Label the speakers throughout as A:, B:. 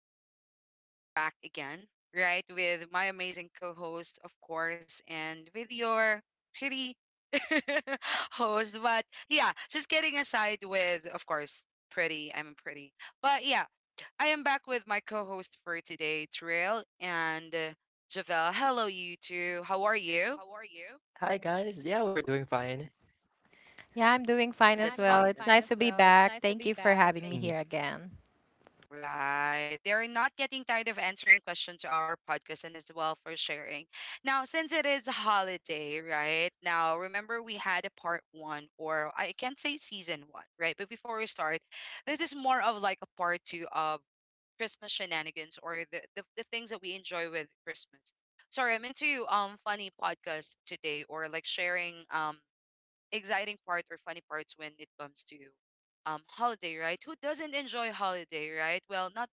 A: listeners, and we are back again, right? With my amazing co host, of course, and with your pretty host. But yeah, just getting aside with, of course, pretty. I'm pretty. But yeah, I am back with my co host for today, Trill and Javel. Hello, you two. How are you?
B: Hi guys. Yeah, we're doing fine.
C: Yeah, I'm doing fine as
A: That's
C: well. It's
A: awesome.
C: nice to be back. Thank you for having me
B: Mm.
C: here again.
A: Right. They're not getting tired of answering questions to our podcast and as well for sharing. Now, since it is a holiday, right? Now, remember we had a part one, or I can't say season one, right? But before we start, this is more of like a part two of Christmas shenanigans or the things that we enjoy with Christmas. Sorry, I'm into funny podcasts today or like sharing exciting part or funny parts when it comes to holiday, right? Who doesn't enjoy holiday, right? Well, not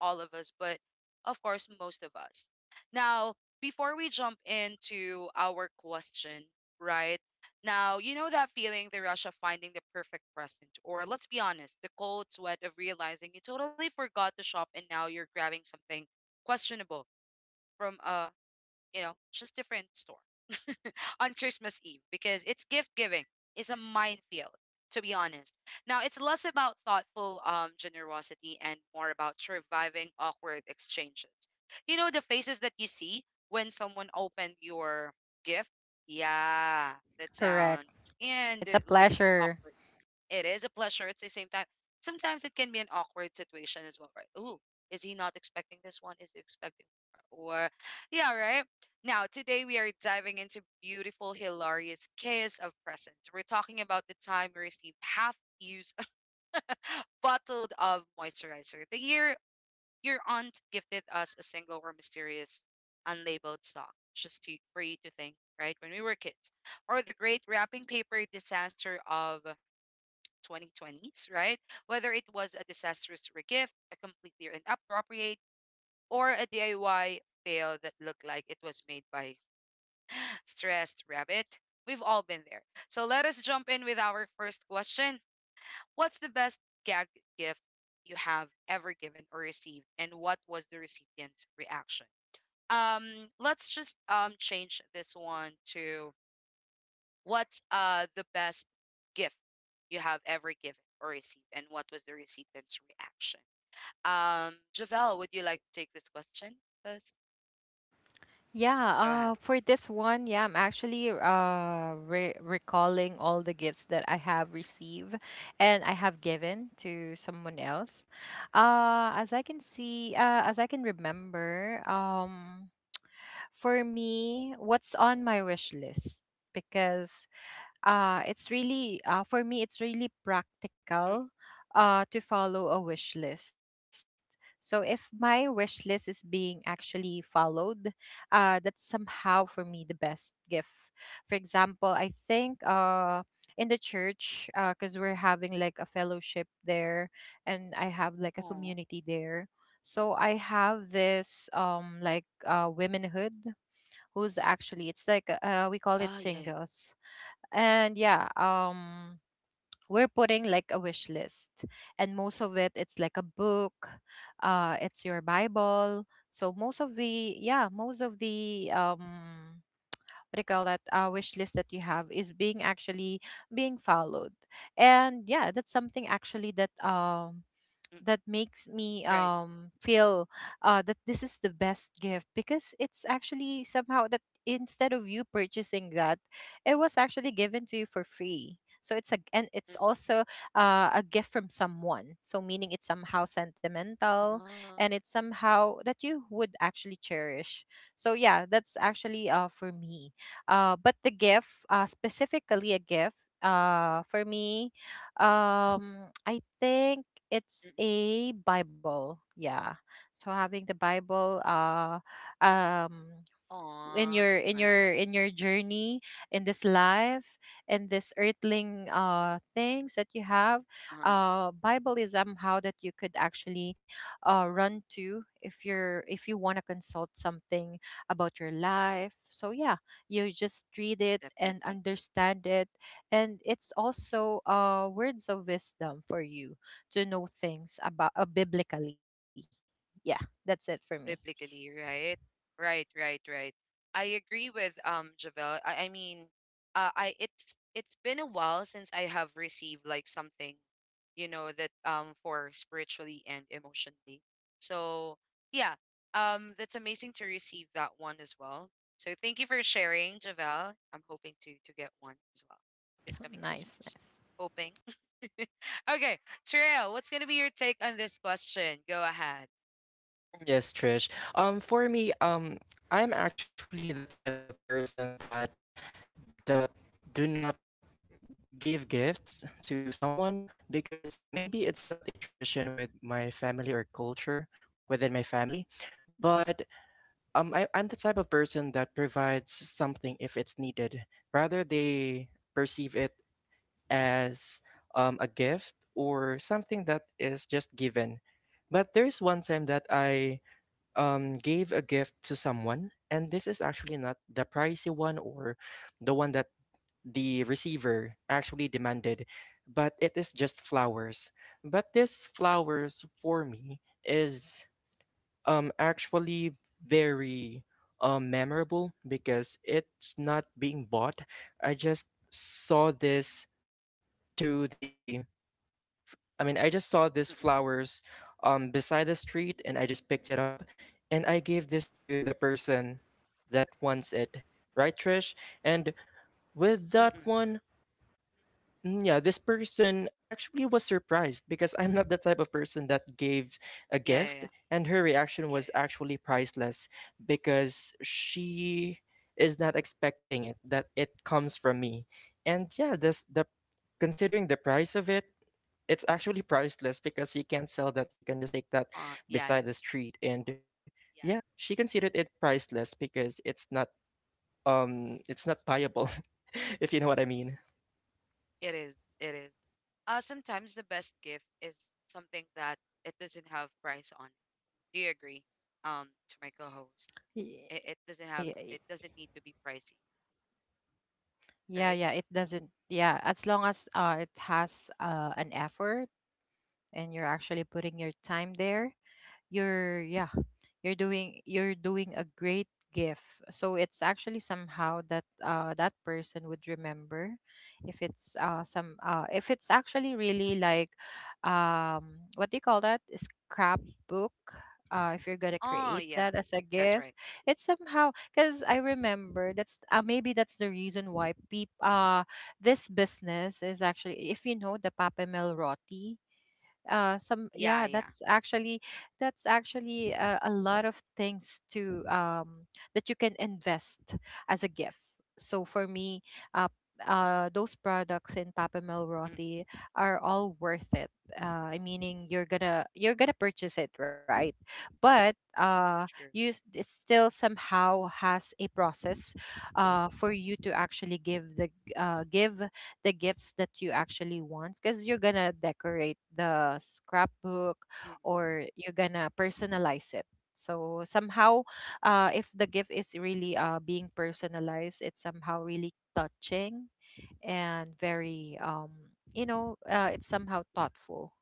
A: all of us, but of course most of us. Now, before we jump into our question, right? Now, you know that feeling, the rush of finding the perfect present, or let's be honest, the cold sweat of realizing you totally forgot to shop and now you're grabbing something questionable from a just different store. on Christmas Eve because it's gift giving is a minefield, to be honest. Now, it's less about thoughtful generosity and more about surviving awkward exchanges. You know, the faces that you see when someone opened your gift? Yeah, that
C: Correct.
A: sounds
C: It's a
A: and it looks
C: pleasure.
A: awkward. It is a pleasure at the same time. Sometimes it can be an awkward situation as well, right? Ooh, is he not expecting this one? Is he expecting more? Or, yeah, right? Now, today we are diving into beautiful, hilarious chaos of presents. We're talking about the time we received half used bottled of moisturizer, the year your aunt gifted us a single or mysterious unlabeled sock just to, for you to think, right? When we were kids, or the great wrapping paper disaster of 2020s, right? Whether it was a disastrous regift, a completely inappropriate, or a DIY fail that looked like it was made by stressed rabbit, we've all been there. So let us jump in with our first question. What's the best gag gift you have ever given or received, and what was the recipient's reaction? Um, let's just change this one to what's the best gift you have ever given or received, and what was the recipient's reaction? Javelle, would you like to take this question first?
C: Yeah,
A: Go ahead.
C: for this one, yeah, I'm actually recalling all the gifts that I have received and I have given to someone else. As I can see, as I can remember, for me, what's on my wish list? Because it's really for me it's really practical
A: Mm-mm.
C: to follow a wish list, so if my wish list is being actually followed, that's somehow for me the best gift. For example, I think, in the church, because we're having like a fellowship there and I have like a
A: Aw.
C: community there, so I have this like womenhood who's actually, it's like, we call
A: Ah,
C: it
A: yeah, yeah.
C: singles. And yeah, we're putting like a wish list, and most of it, it's like a book, it's your Bible. So most of the, yeah, most of the, what do you call that wish list that you have is being actually being followed. And yeah, that's
A: Mm-mm.
C: something actually that
A: Right.
C: that makes me feel that this is the best gift, because it's actually somehow that instead of you purchasing that, it was actually given to you for free. So
A: Mm.
C: it's a, and it's also a gift from someone, so meaning it's somehow
A: Ah.
C: sentimental, and it's somehow that you would actually cherish. So yeah, that's actually for me. But the gift, specifically a gift for me, I
A: Mm-mm.
C: think it's a Bible. Yeah. So having the Bible, um,
A: Aw, that's nice.
C: in your in your journey, in this life, in this earthling things that you have,
A: Uh-huh.
C: Bible is somehow that you could actually run to if you're if you want to consult something about your life. So yeah, you just read it
A: Definitely.
C: and understand it, and it's also words of wisdom for you to know things about, biblically. Yeah, that's it for me.
A: Biblically, right? Right, right, right. I agree with Javel. I mean, I it's been a while since I have received like something, that for spiritually and emotionally. So yeah, that's amazing to receive that one as well. So thank you for sharing, Javel. I'm hoping to get one as well this coming
C: Nice, nice.
A: Christmas. Hoping. Okay, Trail, what's gonna be your take on this question? Go ahead.
B: Yes, Trish. Um, for me, um, I'm actually the type of person that that do not give gifts to someone because maybe it's not a tradition with my family or culture within my family, but I'm the type of person that provides something if it's needed. Rather, they perceive it as a gift or something that is just given. But there's one time that I gave a gift to someone, and this is actually not the pricey one or the one that the receiver actually demanded, but it is just flowers. But this flowers for me is actually very memorable because it's not being bought. I just saw this to the I mean, I just saw these
A: Mm-mm,
B: flowers beside the street and I just picked it up and I gave this to the person that wants it. Right, Trish? And with
A: mm-mm.
B: that one, yeah, this person actually was surprised because I'm not the type of person that gave a
A: Yeah, yeah,
B: gift, and her reaction was actually priceless because she is not expecting it that it comes from me. And yeah, this the considering the price of it, it's actually priceless because you can't sell that. You can just take that
A: Yeah, yeah,
B: beside the street, and yeah, she considered it priceless because it's not buyable, if you know what I mean.
A: it is. It is. Sometimes the best gift is something that it doesn't have price on it. Do you agree? To my co-host,
C: Y-
A: it
C: y-
A: doesn't have.
C: y-
A: It doesn't need to be pricey,
C: Yeah, yeah,
A: right?
C: it doesn't. Yeah, as long as it has an effort, and you're actually putting your time there. you're yeah you're doing, you're doing a great gift, so it's actually somehow that that person would remember. If it's some if it's actually really like, what do you call that scrapbook, if you're gonna create
A: Oh
C: that
A: yeah,
C: as a gift.
A: that's right.
C: It's somehow, because I remember that's maybe that's the reason why peop this business is actually, if you know, the Papamel Roti, some
A: Yeah,
C: yeah
A: yeah.
C: that's actually, that's actually a lot of things to that you can invest as a gift. So for me, uh those products in Papa
A: Mm,
C: Melroti are all worth it. Uh, I meaning, you're gonna, you're gonna purchase it, right? But you
A: true.
C: s- it still somehow has a process, for you to actually give the give the gifts that you actually want, because you're gonna decorate the scrapbook
A: Mm,
C: or you're gonna personalize it. So somehow, if the gift is really being personalized, it's somehow really touching and very it's somehow thoughtful.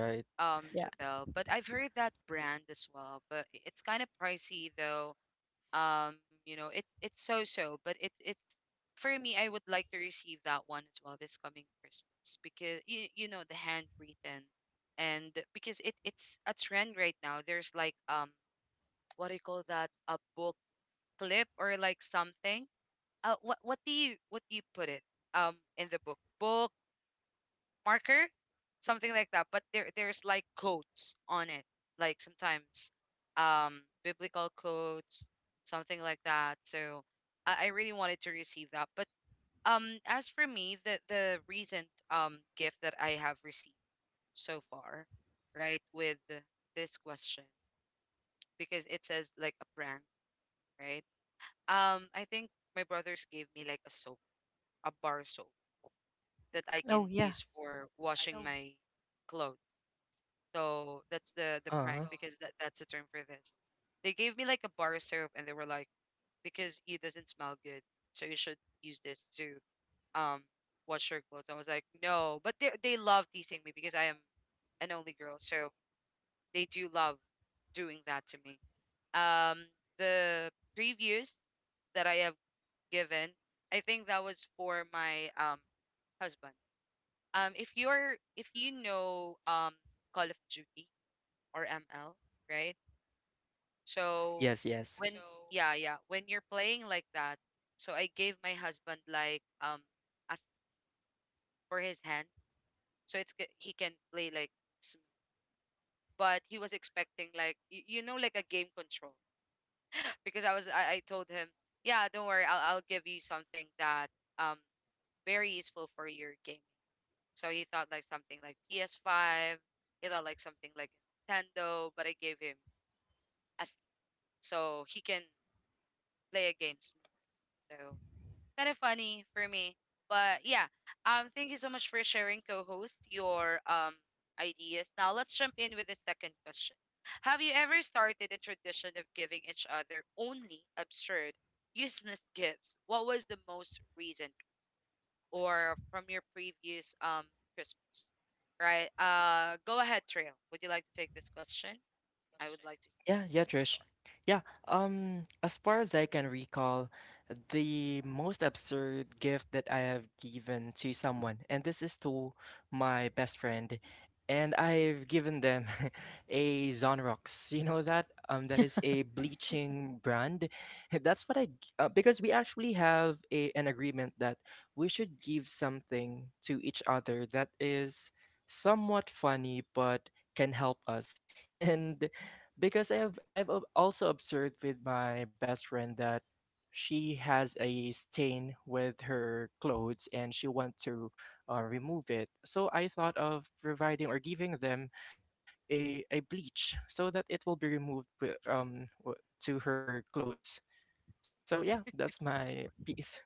B: Right.
A: right.
C: Yeah.
A: Jabel, but I've heard that brand as well, but it's kind of pricey though. You know it's so so but it's for me I would like to receive that one as well this coming Christmas because you know the handwritten and because it's a trend right now there's like what do you call that a book clip or like something what do you what do you put it in the book marker, something like that. But there's like quotes on it, like sometimes biblical quotes, something like that. So I really wanted to receive that. But as for me, the recent gift that I have received so far, right, with this question because it says like a prank, right? I think my brothers gave me like a soap, a bar soap that I can
C: Oh
A: use
C: yeah.
A: for washing my clothes. So that's the prank
B: Uh
A: because that's the term for this. They gave me like a bar of syrup and they were like, because it doesn't smell good, so you should use this to um wash your clothes. I was like, no, but they love teasing me because I am an only girl, so they do love doing that to me. Um, the previews that I have given, I think that was for my husband. If you're if you know Call of Duty or ML, right? So
B: yes, yes.
A: when yeah, yeah, when you're playing like that, so I gave my husband like a, for his hand, so he can play like smooth. But he was expecting like you know like a game control because I told him yeah don't worry I'll give you something that um very useful for your gaming. So he thought like something like PS5. He thought like something like Nintendo, but I gave him as so he can play a game smooth. So. Kind of funny for me. But yeah, thank you so much for sharing, co-host, your ideas. Now let's jump in with the second question. Have you ever started a tradition of giving each other only absurd, useless gifts? What was the most recent or from your previous Christmas? Right. Go ahead, Trail. Would you like to take this question? I would like to hear
B: Yeah, yeah,
A: your
B: Trish.
A: story.
B: Yeah, as far as I can recall, the most absurd gift that I have given to someone, and this is to my best friend, and I've given them a Zonrox. You know that? That is a bleaching brand. That's what I, g- because we actually have an agreement that we should give something to each other that is somewhat funny, but can help us. And because I've also observed with my best friend that she has a stain with her clothes and she want to remove it. So I thought of providing or giving them a bleach so that it will be removed to her clothes. So yeah, that's my piece.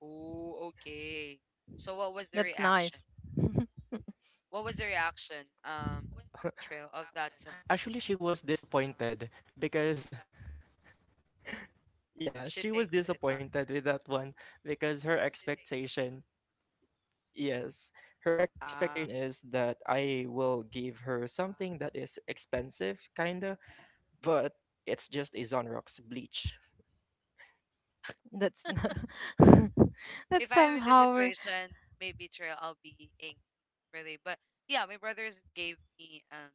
A: Oh, okay. So what was the
C: That's
A: reaction?
C: nice.
A: What was the reaction,
B: Well,
A: Trail, of that someone?
B: actually she was disappointed because yeah,
A: She
B: she was
A: thinks that it's not.
B: disappointed with that one because her expectation. Yes, her
A: Uh,
B: expectation is that I will give her something that is expensive, kinda, but it's just a Zonrock's bleach.
C: That's n-
A: if
C: that's
A: I am in the
C: somehow.
A: situation, maybe Trail, I'll be angry, really. But yeah, my brothers gave me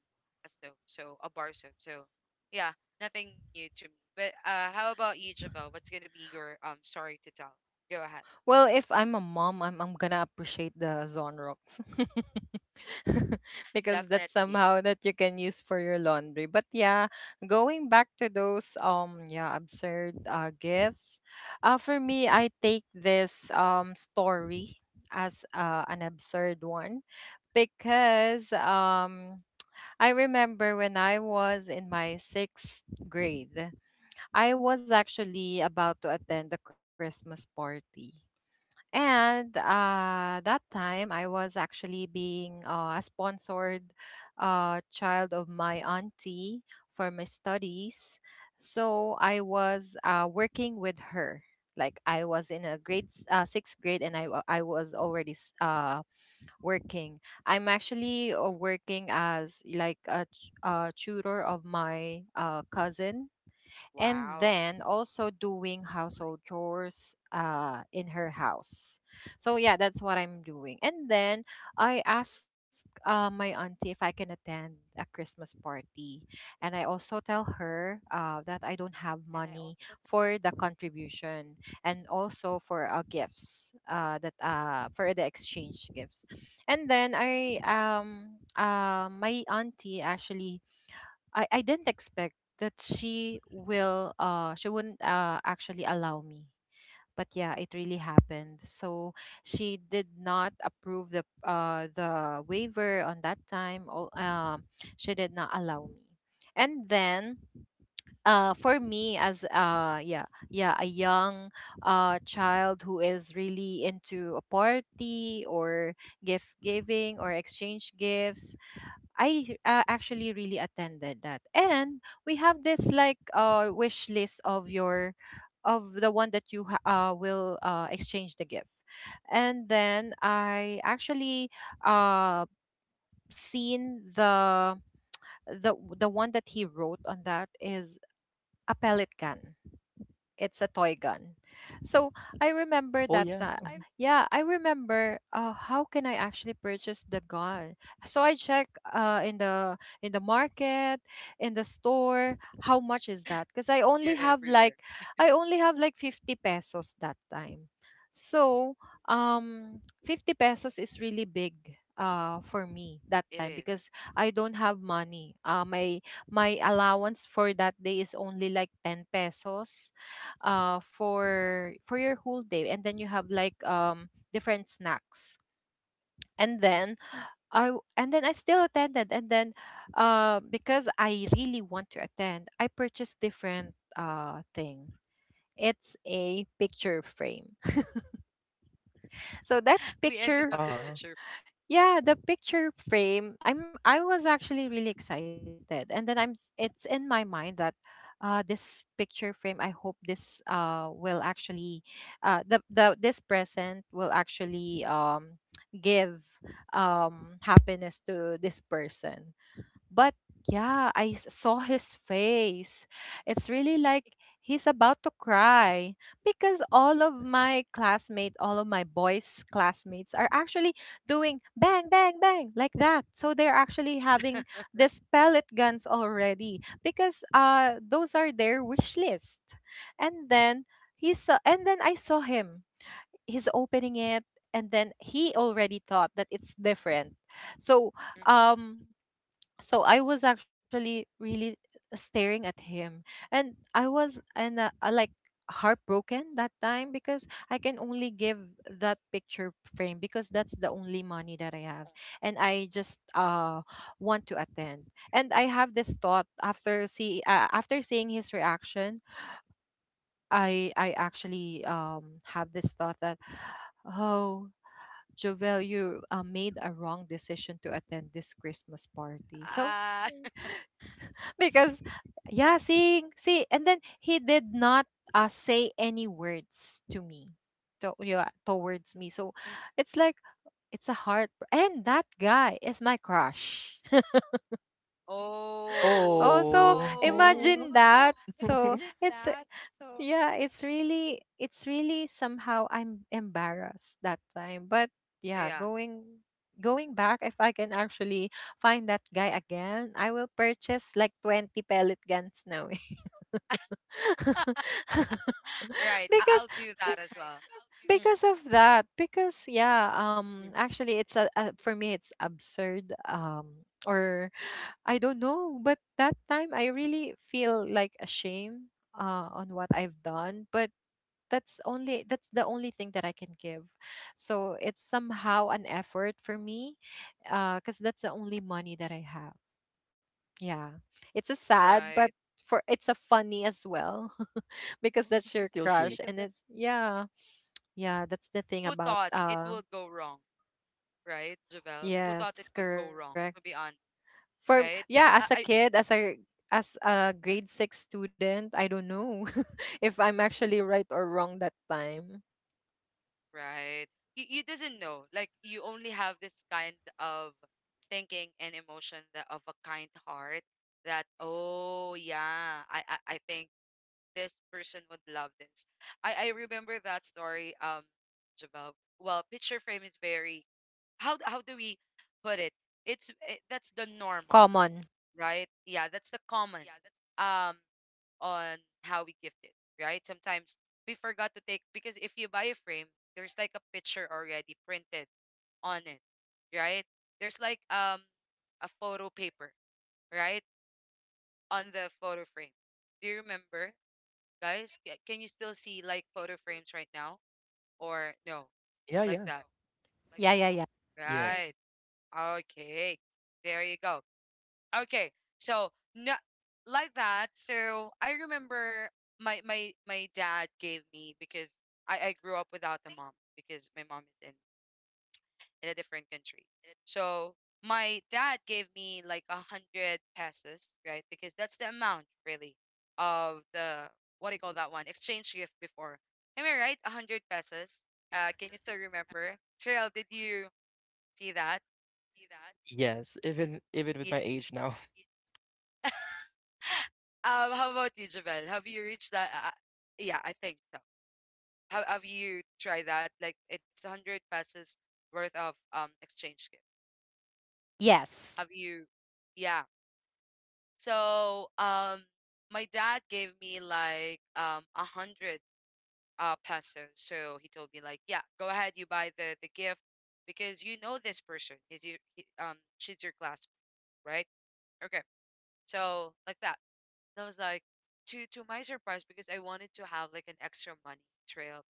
A: a soap, so a bar soap. So yeah, nothing new to me. But how about you, Javel? What's gonna be your story to tell? Go ahead.
C: Well, if I'm a mom, I'm gonna appreciate the Zonrox because that's
A: Definitely.
C: somehow that you can use for your laundry. But yeah, going back to those absurd gifts, for me I take this story as, an absurd one, because I remember when I was in my sixth grade, I was actually about to attend the Christmas party. And that time, I was actually being, a sponsored, child of my auntie for my studies. So I was, working with her. Like I was in a sixth grade, and I was already working. I'm actually, working as like tutor of my, cousin, and
A: Wow,
C: then also doing household chores in her house. So yeah, that's what I'm doing. And then I asked, my auntie if I can attend a Christmas party, and I also tell her, that I don't have money for the contribution, and also for, gifts, that for the exchange gifts. And then I my auntie actually, I didn't expect that she wouldn't actually allow me. But yeah, it really happened. So she did not approve the waiver on that time. All she did not allow me. And then for me as yeah, a young child who is really into a party or gift giving or exchange gifts, I, actually really attended that. And we have this like wish list of your, of the one that will exchange the gift. And then I actually uh seen the, the one that he wrote on that is a pellet gun. It's a toy gun. So I remember
B: Oh
C: that,
B: yeah.
C: yeah, I remember, how can I actually purchase the gun. So I check, in the, in the market, in the store, how much is that? Cuz
A: you're everywhere.
C: I only have like 50 pesos that time. So 50 pesos is really big for me that
A: It
C: time,
A: is.
C: because I don't have money. Uh, my allowance for that day is only like 10 pesos for your whole day. And then you have like different snacks. And
A: Mm,
C: then and then I still attended. And then because I really want to attend, I purchased different thing. It's a picture frame. So that
A: we ended
C: picture.
A: up the
B: Uh, So
A: picture frame.
C: Yeah, the picture frame. I was actually really excited. And then I'm it's in my mind that this picture frame, I hope this will actually, the this present will actually give happiness to this person. But yeah, saw his face. It's really like he's about to cry, because all of my classmates, all of my boys' classmates are actually doing bang, bang, bang like that. So they're actually having these pellet guns already, because those are their wish list. And then he saw, and then I saw him. He's opening it, and then he already thought that it's different. So
A: Mm,
C: um I was actually really staring at him, and I was
A: mm,
C: and like heartbroken that time, because I can only give that picture frame, because that's the only money that I
A: mm.
C: have, and I just want to attend. And I have this thought after see after seeing his reaction, I actually have this thought that, oh, Jovel, you, made a wrong decision to attend this Christmas party. So
A: Ah.
C: because, yeah sing see and then he did not, say any words to me to, yeah, towards me. So it's like, it's a heart, and that guy is my crush. Oh,
A: Oh,
C: so
B: Oh.
A: no.
B: oh.
C: imagine that. So it's, yeah, it's really, it's really somehow, I'm embarrassed that time. But yeah,
A: Yeah,
C: going back, if I can actually find that guy again, I will purchase like 20 pellet guns now.
A: right. I-
C: Because
A: I'll do
C: be-
A: that as well. Mm,
C: because of that. Because yeah,
A: mm.
C: actually it's a, for me it's absurd, or I don't know, but that time I really feel like ashamed, on what I've done. But that's the only thing that I can give. So it's somehow an effort for me. Because that's the only money that I have. Yeah, it's a sad, but
A: Right.
C: for it's a funny as well because that's your
B: Still
C: crush
B: sweet.
C: and it's yeah that's the
A: Who
C: thing about
A: thought it would
C: uh
A: go wrong, right, Javel? Who thought
C: Yes,
A: it would go
C: correct.
A: wrong, to be honest,
C: Yeah,
A: right?
C: as a
A: I,
C: kid
A: I
C: as a grade
A: mm,
C: six student, I don't know if I'm actually right or wrong that time.
A: right. You doesn't know. Like, you only have this kind of thinking and emotion that of a kind heart that, oh, yeah, I think this person would love this. I remember that story, Jabal. Well, picture frame is very how do we put it? It's that's the normal,
C: Common.
A: right? Yeah, that's the common um on how we gift it, right? Sometimes we forgot to take because if you buy a frame, there's like a picture already printed on it, right? There's like a photo paper, right? On the photo frame. Do you remember? Guys, can you still see like photo frames right now or no?
B: Yeah,
A: Like
B: yeah.
A: that.
C: Yeah, yeah, yeah.
B: yeah, Yes.
A: Right. Okay. There you go. Okay. So no, like that. So I remember my dad gave me because I grew up without a mom because my mom is in a different country. So my dad gave me like 100 pesos, right? Because that's the amount really of the what do you call that one? Exchange gift before. Am I right? A hundred
B: Right, you're
A: pesos.
B: right.
A: Can you still remember? Trail, did you see that?
B: Yes, even even with
A: Ye-
B: my age now,
A: How about you, Javel? Have you reached that? Yeah, I think so. Have you tried that? Like it's 100 pesos worth of exchange gift. Have
C: Yes.
A: you? Yeah. So my dad gave me like 100 pesos. So he told me like, yeah, go ahead, you buy the gift because you know this person. He's your she's your classmate, right? Okay. So like that. And I was like to my surprise because I wanted to have like an extra money trail.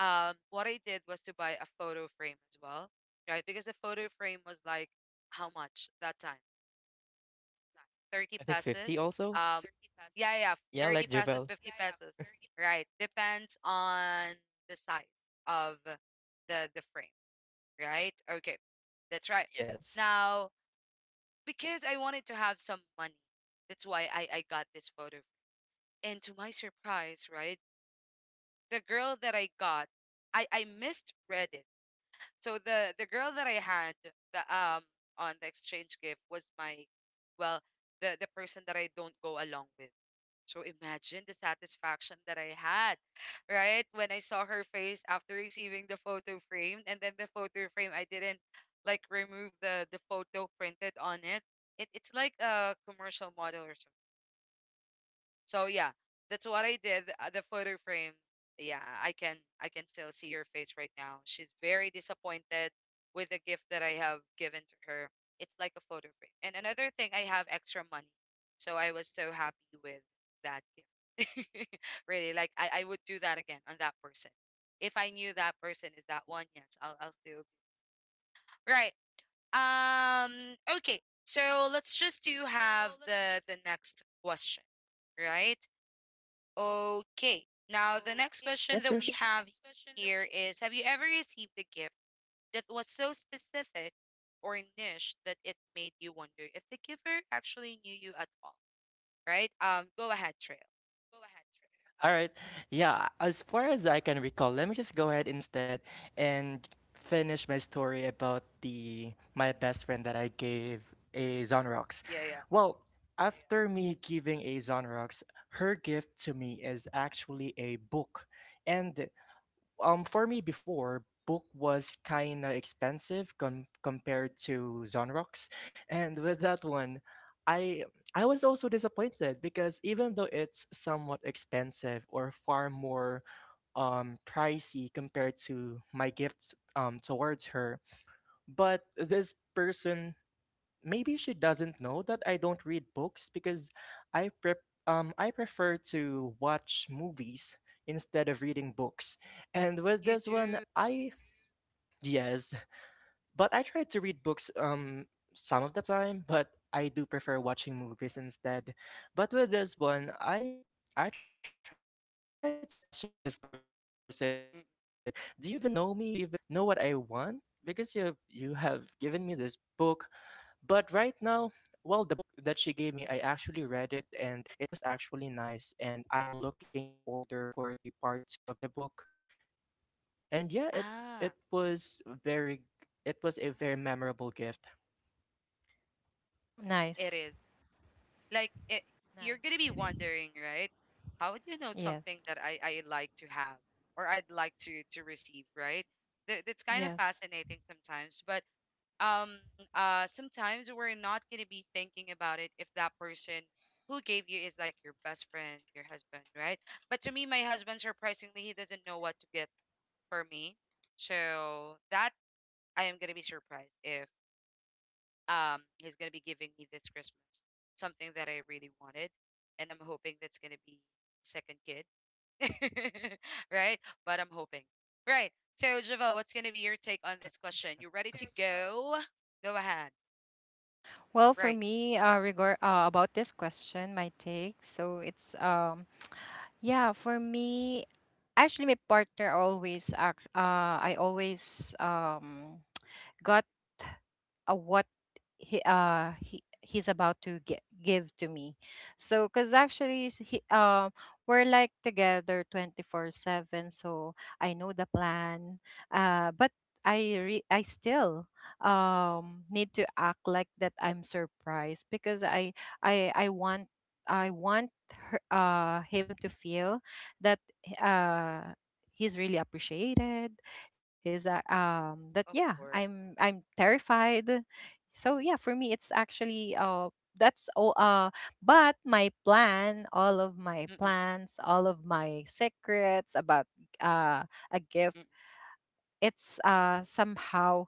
A: What I did was to buy a photo frame as well, right? Because the photo frame was like how much that time? 30
B: I think 50
A: pesos.
B: also.
A: Um,
B: So,
A: yeah, yeah,
B: yeah,
A: 30
B: like
A: pesos,
B: Javel.
A: 50 pesos. Right. Depends on the size of the frame, right? Okay. That's right.
B: Yes.
A: Now, because I wanted to have some money, that's why I got this photo frame. And to my surprise, right? The girl that I got, I misread it. So the girl that I had the on the exchange gift was my well, the person that I don't go along with. So imagine the satisfaction that I had, right? When I saw her face after receiving the photo frame, and then the photo frame, I didn't like remove the photo printed on it. It's like a commercial model or something. So yeah, that's what I did. The photo frame. Yeah, I can still see her face right now. She's very disappointed with the gift that I have given to her. It's like a photo frame. And another thing, I have extra money, so I was so happy with that gift. Really, like I would do that again on that person. If I knew that person is that one, yes, I'll still do. Right. Okay. So let's just do have the next question, right? Okay. Now, the next question
B: Yes,
A: that
B: Rush.
A: we have here is, have you ever received a gift that was so specific or niche that it made you wonder if the giver actually knew you at all? Right? Go ahead, Trail.
B: All right. Yeah, as far as I can recall, let me just go ahead instead and finish my story about the my best friend that I gave a Zonrox.
A: Yeah, yeah.
B: Well, after me giving a Zonrox, her gift to me is actually a book. And for me before, book was kind of expensive compared to Zonrox, and with that one I I was also disappointed because even though it's somewhat expensive or far more pricey compared to my gift towards her, but this person maybe she doesn't know that I don't read books because I prep I prefer to watch movies instead of reading books. And with
A: You
B: this one,
A: do.
B: I yes, but I try to read books some of the time, but I do prefer watching movies instead. But with this one, I tried to question this person. Do you even know me? Do you
A: Mm.
B: even know what I want? Because you have given me this book, but right now, well, the book that she gave me, I actually read it and it was actually nice. And I'm looking to order for the part two of the book. And
A: Ah,
B: it was very, it was a very memorable gift.
A: it
C: Nice.
A: is. Like, you're going to be wondering, right? How would you know
C: Yeah.
A: something that I like to have or I'd like to receive, right? That's kind of
C: Yes.
A: fascinating sometimes. But um sometimes we're not going to be thinking about it if that person who gave you is like your best friend, your husband, right? But to me, my husband, surprisingly, he doesn't know what to get for me. So that I am going to be surprised if he's going to be giving me this Christmas something that I really wanted. And I'm hoping that's going to be second kid. Right, but I'm hoping, right? So Javo, what's going to be your take on this question? You ready to go? Go ahead.
C: Well, for
A: Right.
C: me, regard about this question, my take, so it's. Yeah, for me, actually my partner always act. I always got what he He's about to give to me, so because actually s- he we're like together 24/7, so I know the plan. But I still need to act like that I'm surprised because I want I want him to feel that uh he's really appreciated, he's that yeah
A: Of course.
C: I'm terrified. So yeah, for me it's actually that's all but my
A: Mm-mm,
C: plans, all of my secrets about uh a gift
A: mm-mm.
C: it's somehow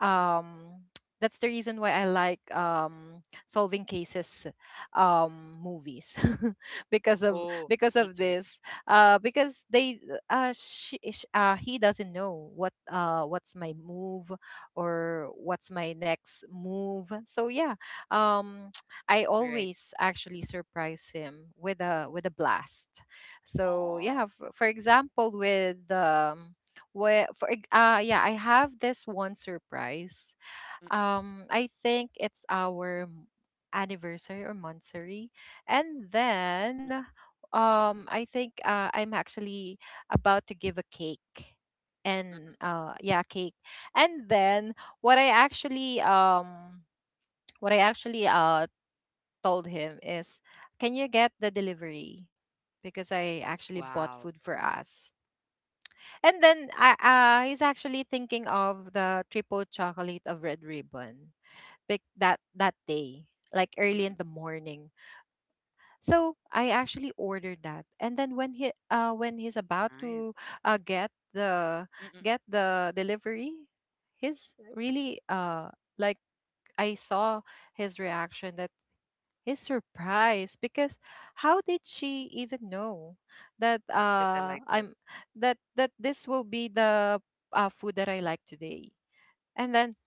C: um that's the reason why I like solving cases, movies, because of
A: Oh,
C: because of
A: me too.
C: this, because he doesn't know what's my move or what's my next move. So yeah, um I
A: Right.
C: always actually surprise him with a blast. So yeah,
A: Oh,
C: for example with, well, yeah, I have this one surprise.
A: mm-mm,
C: I think it's anniversary or monthsary, and then,
A: mm-mm,
C: I think I'm actually about to give a cake, and
A: mm-mm.
C: cake, and then what I actually um what I actually told him is, can you get the delivery? Because I actually bought food for
A: Wow.
C: us. And then I he's actually thinking of the triple chocolate of Red Ribbon, that that day, like early in the
A: Mm-mm.
C: morning. So I actually ordered that, and then when he's about to
A: Nice.
C: uh, get the get
A: Mm-mm.
C: the delivery, he's really like I saw his reaction that he's surprised because how did she even know that
A: That I
C: I'm
A: like this.
C: that that this will be the food that I like today? And then,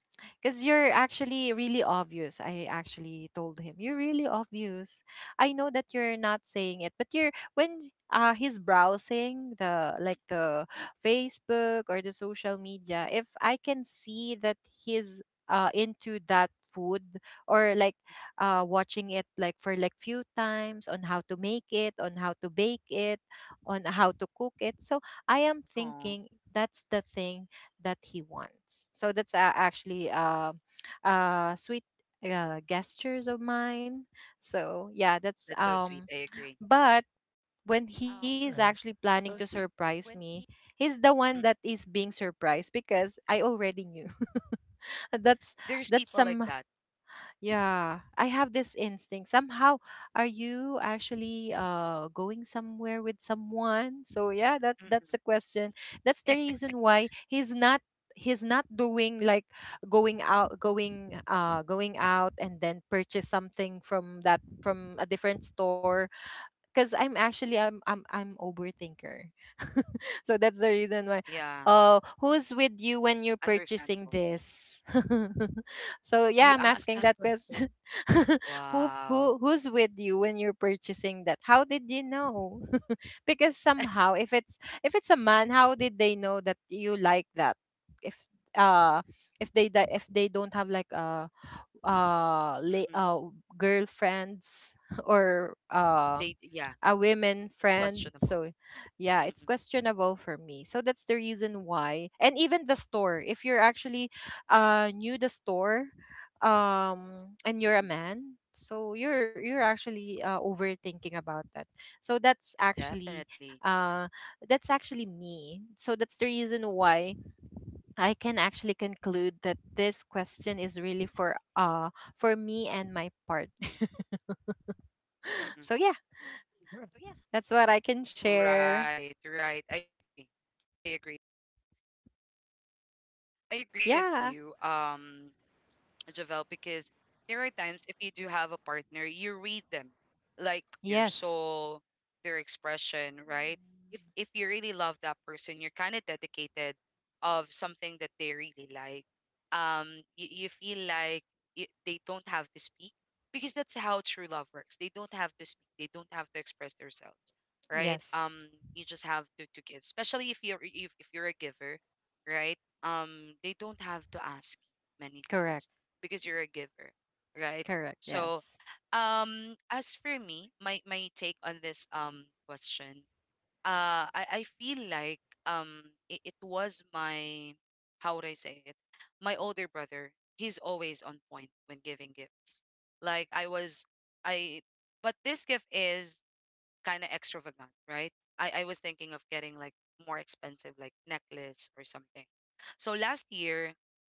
C: because you're actually really obvious. I actually told him, "You're really obvious. I know that you're not saying it, but you're when he's browsing the like
A: Mm.
C: the Facebook or the social media, if I can see that he's into that food or like watching it like for like few times on how to make it, on how to bake it, on how to cook it." So I am thinking
A: Oh,
C: that's the thing that he wants. So that's actually sweet gestures of mine. So yeah, that's
A: that's
C: um.
A: so sweet. I agree.
C: But when he is actually
B: Right.
C: planning to
B: So
C: surprise
B: sweet,
C: me, he's the one that is
A: Mm.
C: being surprised because I already knew. that's that's
A: There's people
C: some.
A: like that.
C: Yeah, I have this instinct. Somehow, are you actually going somewhere with someone? So yeah, that's the
A: Mm-mm.
C: question. That's the reason why he's not doing like going out and then purchase something from that, from a different store, because I'm actually I'm overthinker. So that's the reason why.
A: Yeah,
C: "Oh, who's with you when you're purchasing
A: understandable.
C: this?" So yeah, I'm
A: You
C: asking that
A: asked that
C: question.
A: question?
C: Who's
A: Wow.
C: with you when you're purchasing that? How did you know? Because somehow if it's a man, how did they know that you like that? If uh if they don't have like a uh, la- uh
A: Mm-mm.
C: girlfriends, or a
A: Yeah,
C: women
A: it's
C: friend, so
A: questionable.
C: yeah it's
A: Mm-mm,
C: questionable for me. So that's the reason why. And even the store, if you're actually new the store, and you're a
A: mm-mm.
C: man, so you're actually overthinking about that. So
A: Definitely.
C: uh that's actually me. So that's the reason why I can actually conclude that this question is really for me and my partner.
A: Mm-mm.
C: So yeah, that's what I can share.
A: Right, right. I agree. I agree with
C: Yeah.
A: you. Javel, because there are times if you do have a partner, you read them, like their
C: Yes.
A: soul, their expression, right? If you really love that person, you're kind of dedicated of something that they really like. You feel like y they don't have to speak because that's how true love works. They don't have to speak. They don't have to express themselves, right?
C: Yes.
A: You just have to give, especially if you're a giver, right? They don't have to ask many times
C: Correct.
A: because you're a giver, right?
C: Correct.
A: So,
C: Yes.
A: as for me, my take on this question, I feel like um it was my, how would I say it? My older brother, he's always on point when giving gifts. Like I was, I but this gift is kind of extravagant, right? I was thinking of getting like more expensive, like necklace or something. So last year,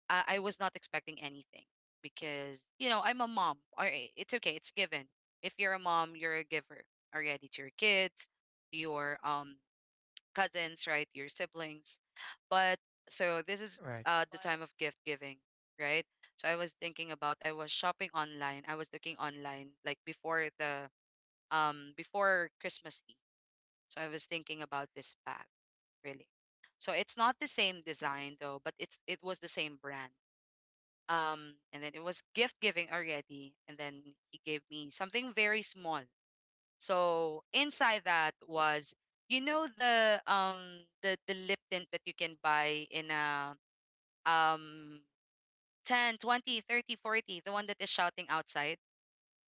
A: I was not expecting anything because, I'm a mom. All right, it's okay, it's given. If you're a mom, you're a giver already to your kids, to your cousins, right? Your siblings. But so this is
B: right.
A: the time of gift giving, right? So I was shopping online. I was looking online like before the before Christmas Eve. So I was thinking about this bag really. So it's not the same design though, but it was the same brand. And then it was gift giving already, and then he gave me something very small. So inside that was, you know the um the lip tint that you can buy in a um 10, 20, 30, 40, the one that is shouting outside.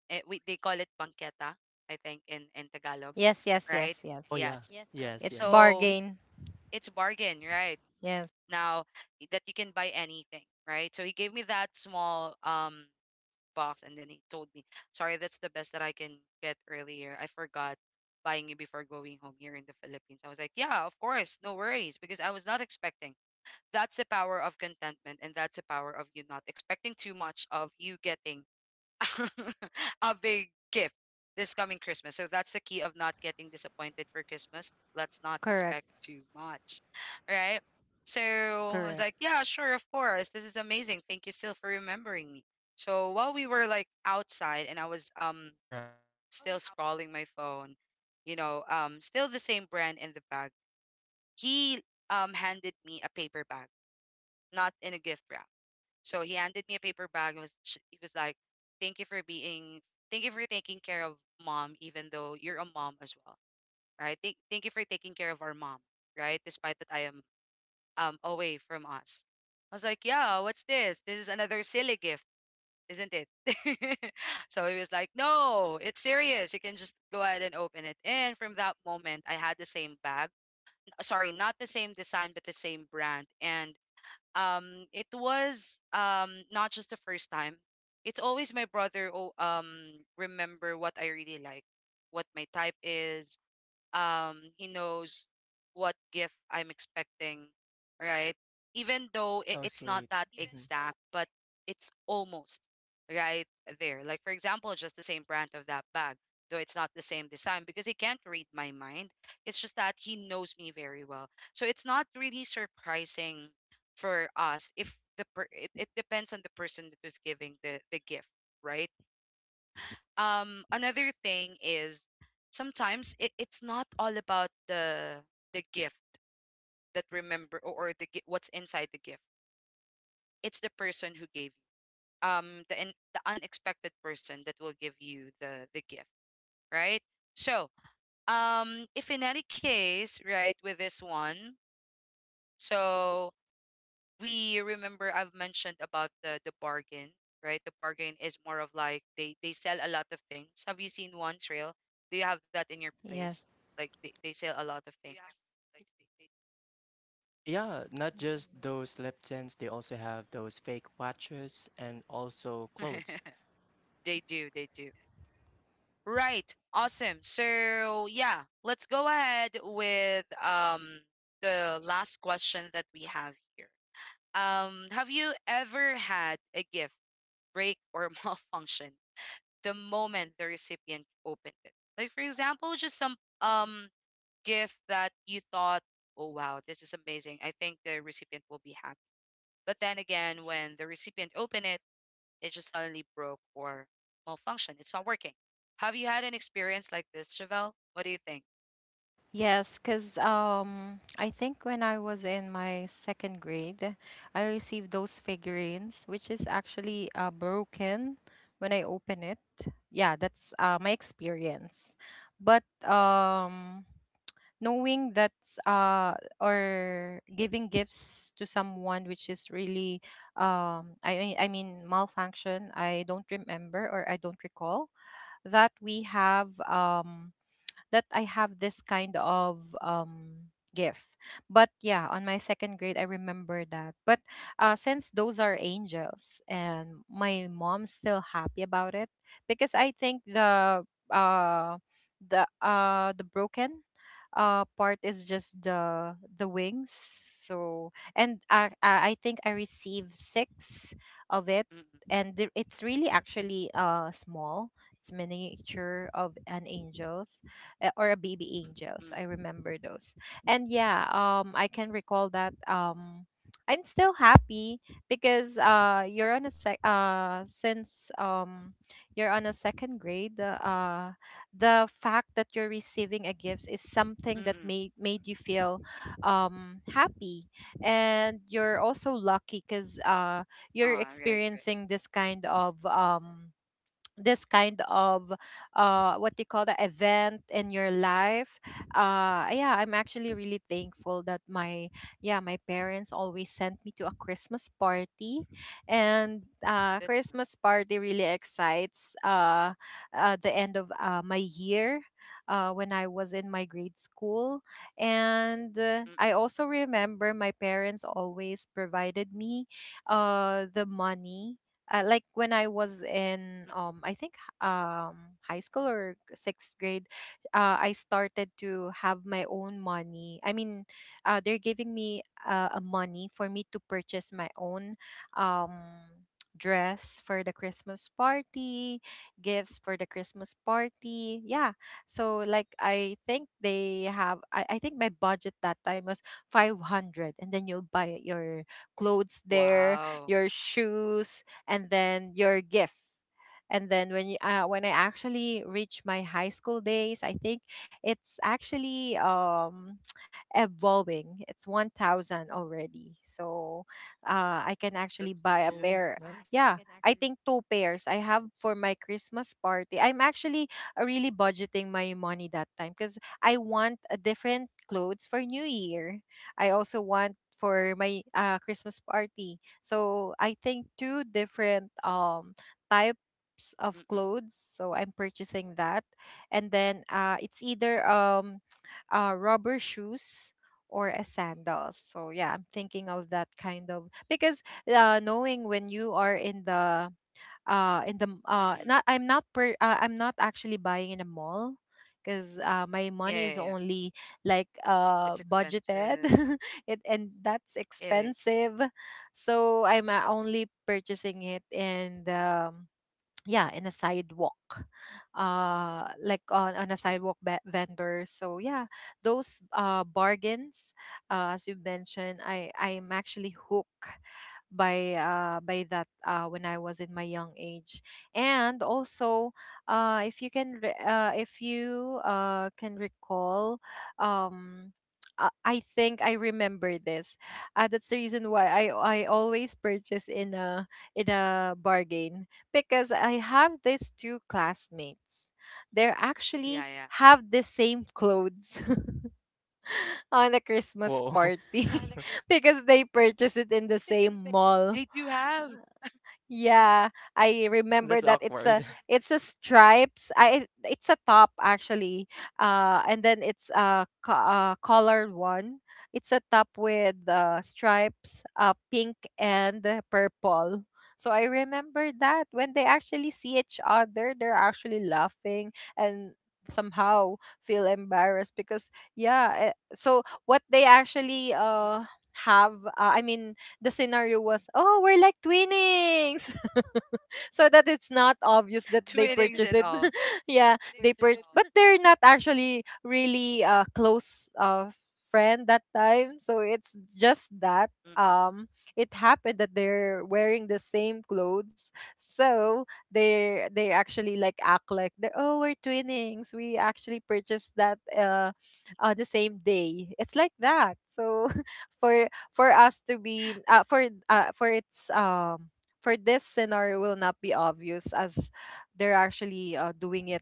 A: They call it banqueta, I think in Tagalog,
C: Yes, yes,
A: right?
C: yes,
B: oh
C: yes.
B: yeah,
A: Yes.
B: yes,
C: It's
A: So
C: bargain.
A: it's bargain, right?
C: Yes.
A: Now that you can buy anything, right? So he gave me that small box, and then he told me, "Sorry, that's the best that I can get earlier. I forgot buying you before going home here in the Philippines." I was like, "Yeah, of course, no worries," because I was not expecting. That's the power of contentment, and that's the power of you not expecting too much of you getting a big gift this coming Christmas. So that's the key of not getting disappointed for Christmas. Let's not
C: Correct.
A: expect too much, right? So I
C: Correct.
A: was like, yeah, sure, of course. This is amazing. Thank you still for remembering me. So while we were like outside and I was
B: right. yes, right. hmm.
A: still scrolling my phone, still the same brand in the bag, he handed me a paper bag, not in a gift wrap. So he handed me a paper bag and he was like, "Thank you for being, thank you for taking care of mom, even though you're a mom as well, right? Thank, thank you for taking care of our mom, right? Despite that I am away from us." I was like, "Yeah, what's this? This is another silly gift, isn't it?" So he was like, "No, it's serious. You can just go ahead and open it." And from that moment, I had the same bag. Sorry, not the same design, but the same brand. And it was not just the first time. It's always my brother who, remember what I really like, what my type is. He knows what gift I'm expecting, right? Even though it,
B: Oh
A: it's not
B: sweet.
A: that
B: hmm.
A: exact, but it's almost right there. Like, for example, just the same brand of that bag, though it's not the same design because he can't read my mind. It's just that he knows me very well. So it's not really surprising for us. If it depends on the person that was giving the gift, right? Another thing is, sometimes it's not all about the gift that remember, or what's inside the gift. It's the person who gave you, the unexpected person that will give you the gift, right? So if in any case, right, with this one, so we remember I've mentioned about the bargain, right? The bargain is more of like they sell a lot of things. Have you seen one, Trail? Do you have that in your
C: Yes.
A: place? Like they sell a lot of things.
B: Yeah, not just those lip, they also have those fake watches and also clothes.
A: They do, they do. Right. Awesome. So yeah, let's go ahead with the last question that we have here. Have you ever had a gift break or malfunction the moment the recipient opened it? Like, for example, just some um gift that you thought, "Oh wow, this is amazing. I think the recipient will be happy." But then again, when the recipient opened it, it just suddenly broke or malfunctioned. It's not working. Have you had an experience like this, Chevelle? What do you think?
C: Yes, because I think when I was in my second grade, I received those figurines, which is actually broken when I open it. Yeah, that's my experience. But knowing that uh, or giving gifts to someone which is really, I mean, malfunction, I don't remember or I don't recall that we have. That I have this kind of gift. But yeah, on my second grade I remember that. But since those are angels and my mom's still happy about it because I think uh the broken part is just the wings. So, and I think I received 6 of it,
A: Mm-mm,
C: and it's really actually small, it's miniature of an angels, eh, or a baby
A: mm,
C: angels. I remember those. And yeah, I can recall that. I'm still happy because you're on a sec. Since you're on a second grade, the fact that you're receiving a gift is
A: mm, mm,
C: something that
A: mm.
C: made you feel happy, and you're also lucky because
A: Ah,
C: you're
A: right, right.
C: experiencing this kind of this kind of what they call the event in your life. Yeah, I'm actually really thankful that my yeah, my parents always sent me to a Christmas party, and
A: That's nice.
C: Christmas party really excites the end of my year, when I was in my grade school. And
A: Mm-mm,
C: I also remember my parents always provided me the money, like when I was
A: mm, mm.
C: in I think high school or sixth grade, I started to have my own money. I mean, they're giving me a money for me to purchase my own um dress for the Christmas party, gifts for the Christmas party. Yeah. So like I think I think my budget that time was 500, and then you'll buy your clothes there,
A: Wow,
C: your shoes, and then your gift. And then when I actually reach my high school days, I think it's actually evolving. It's 1,000 already, so I can
A: that's
C: actually buy
A: nice.
C: a
B: Whoa,
C: pair.
B: nice.
C: Yeah, I think two pairs I have for my Christmas party. I'm actually really budgeting my money that time because I want a different clothes for New Year. I also want for my Christmas party. So I think two different types
A: Mm-mm,
C: of clothes. So I'm purchasing that, and then it's either rubber shoes or a sandals. So yeah, I'm thinking of that kind of because knowing when you are in the m-
A: mm-mm.
C: not I'm not per I'm not actually buying in a mall because my
A: Yeah, yeah,
C: money
A: yeah.
C: is only like
A: It's
C: budgeted
A: expensive.
C: it, and that's
A: It is.
C: expensive. So I'm only purchasing it in the yeah, in a sidewalk, like
A: Me
C: on a
A: too.
C: sidewalk vendor. So yeah, those bargains, as you mentioned, I'm actually hooked by that when I was in my young age. And also if you can recall, um I think I remember this. That's the reason why I always purchase in a bargain, because I have these two classmates.
A: Yeah,
C: They
A: yeah.
C: actually have the same clothes on the
B: Whoa,
C: Christmas
B: I'm
C: party because they purchased it in the
A: They
C: same
A: do have,
C: mall. Yeah, I
B: that's
C: remember that
B: awkward. Yeah.
C: it's a stripes. I It's a top actually. And then it's a colored one. It's a top with stripes,
A: mm,
C: pink and purple. So I remember that when they actually see each other, they're actually laughing and somehow feel embarrassed because yeah, eh, so what they actually
A: mm,
C: have I mean the scenario was, oh, we're like twinnings. So that it's not obvious that they
A: twinnings and
C: purchased it.
A: all,
C: Yeah, they purchased, but they're not actually really close friend that time. So it's just
A: mm,
C: that
A: mm,
C: um it happened that they're wearing the same clothes, so they actually like act like they oh, we're twinnings, we actually purchased that on the same day, it's like that. So for us to be for its for this scenario will not be obvious as they're actually doing it.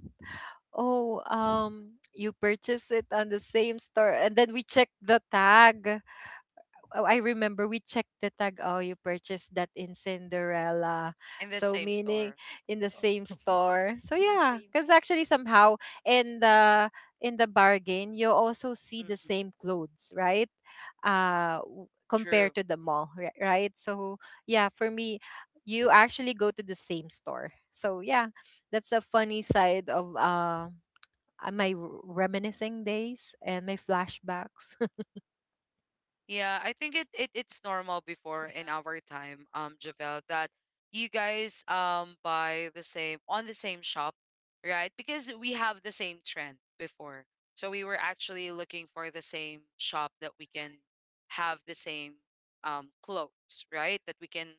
C: Oh, you purchase it on the same store, and then we check the tag, oh, I remember we checked the tag. Oh, you purchased that in Cinderella.
A: in the
C: So
A: same store.
C: meaning in the same store. So yeah, because actually somehow in the in the bargain you also
A: Mm,
C: see the
A: mm,
C: same clothes, right?
A: true.
C: Compared to the mall, right? So yeah, for me,
B: Right.
C: you actually go to the same store. So yeah, that's a funny side of my reminiscing days and my flashbacks.
A: Yeah, I think it's normal before in our time, Javel, that you guys buy the same on the same shop, right? Because we have the same trend before. So we were actually looking for the same shop that we can have the same clothes, right? That we can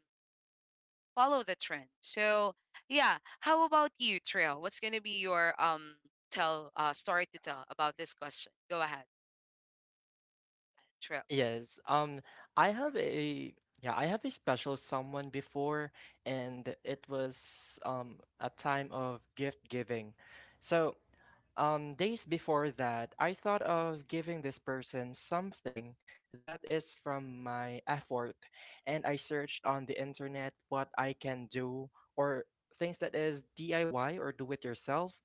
A: follow the trend. So yeah, how about you, Trail? What's gonna be your tell story to tell about this question? Go ahead, Trail.
B: Yes. I have a yeah, I have a special someone before, and it was a time of gift giving. So days before that, I thought of giving this person something that is from my effort, and I searched on the internet what I can do or things that is DIY or do it yourself.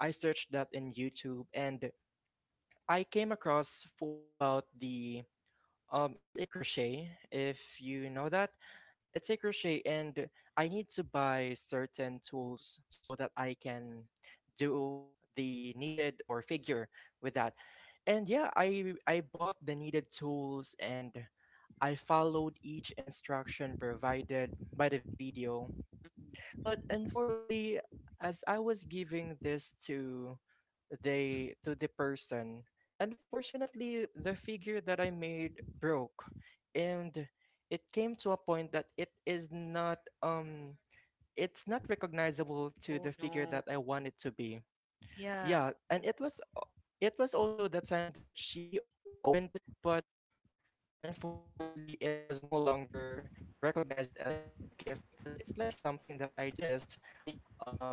B: I searched that in YouTube and I came across for about the it's a crochet, if you know that. It's a crochet, and I need to buy certain tools so that I can do the needed or figure with that. And yeah, I bought the needed tools and I followed each instruction provided by the video,
A: Mhm.
B: but unfortunately, as I was giving this to the person, unfortunately, the figure that I made broke, and it came to a point that it is not it's not recognizable
A: Oh
B: to the
A: no.
B: figure that I want it to be.
A: Yeah.
B: Yeah, and it was also the time that she opened it, but unfortunately, it was no longer recognized as a gift because it's like something um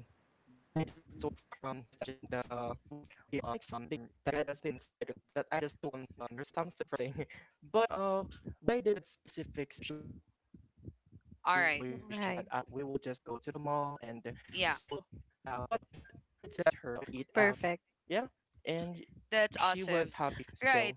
B: that I just took
A: Mm-mm.
B: from the bedside or something. But what I did to that specific situation is I just promised her that
A: All
B: we
A: right.
B: will just
C: Right,
B: go to the mall and eat out.
A: Yeah,
B: Yeah. And she was
C: perfect.
B: happy still.
A: that's awesome. Right.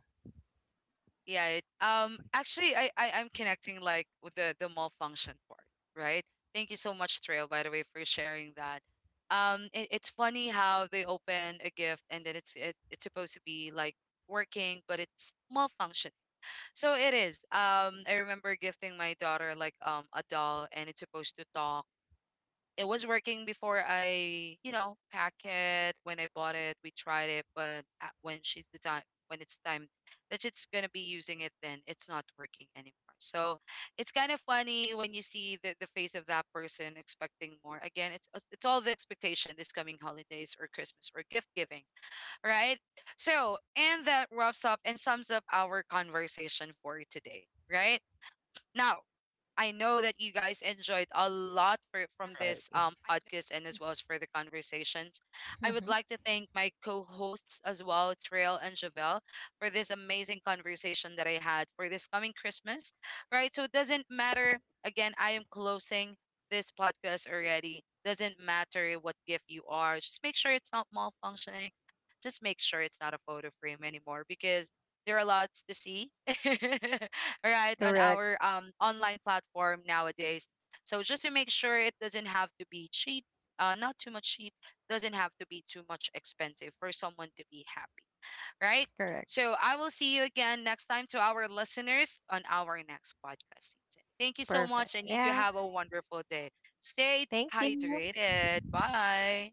A: Yeah. Actually, I'm connecting like with the malfunction part. Right. Thank you so much, Trail, by the way, for sharing that. It's funny how they open a
B: Yes.
A: gift and then it's supposed to be like working, but it's malfunctioning. So it is. I remember gifting my daughter like a doll, and it's supposed to talk. It was working before I, pack it. When I bought it, we tried it, but at, when she's the time, when it's time that she's gonna be using it, then it's not working anymore. So it's kind of funny when you see the face of that person expecting more. Again, it's all the expectation this coming holidays or Christmas or gift giving, right? So, and that wraps up and sums up our conversation for today, right? Now, I know that you guys enjoyed a lot
B: Right.
A: from this podcast, and as well as for the conversations. I would like to thank my co hosts as well, Trail and Javel, for this amazing conversation that I had for this coming Christmas, right? So it doesn't matter. Again, I am closing this podcast already. Doesn't matter what gift you are, just make sure it's not malfunctioning. Just make sure it's not a photo frame anymore because there are lots to see. All right,
C: Correct,
A: on our online platform nowadays, so just to make sure, it doesn't have to be cheap, not too much cheap, doesn't have to be too much expensive for someone to be happy, right?
C: correct.
A: So I will see you again next time, to our listeners, on our next podcast season. Thank you
C: Perfect.
A: so much, and
C: Yeah.
A: you do have a wonderful day. Stay
C: Thank you.
A: hydrated. Bye.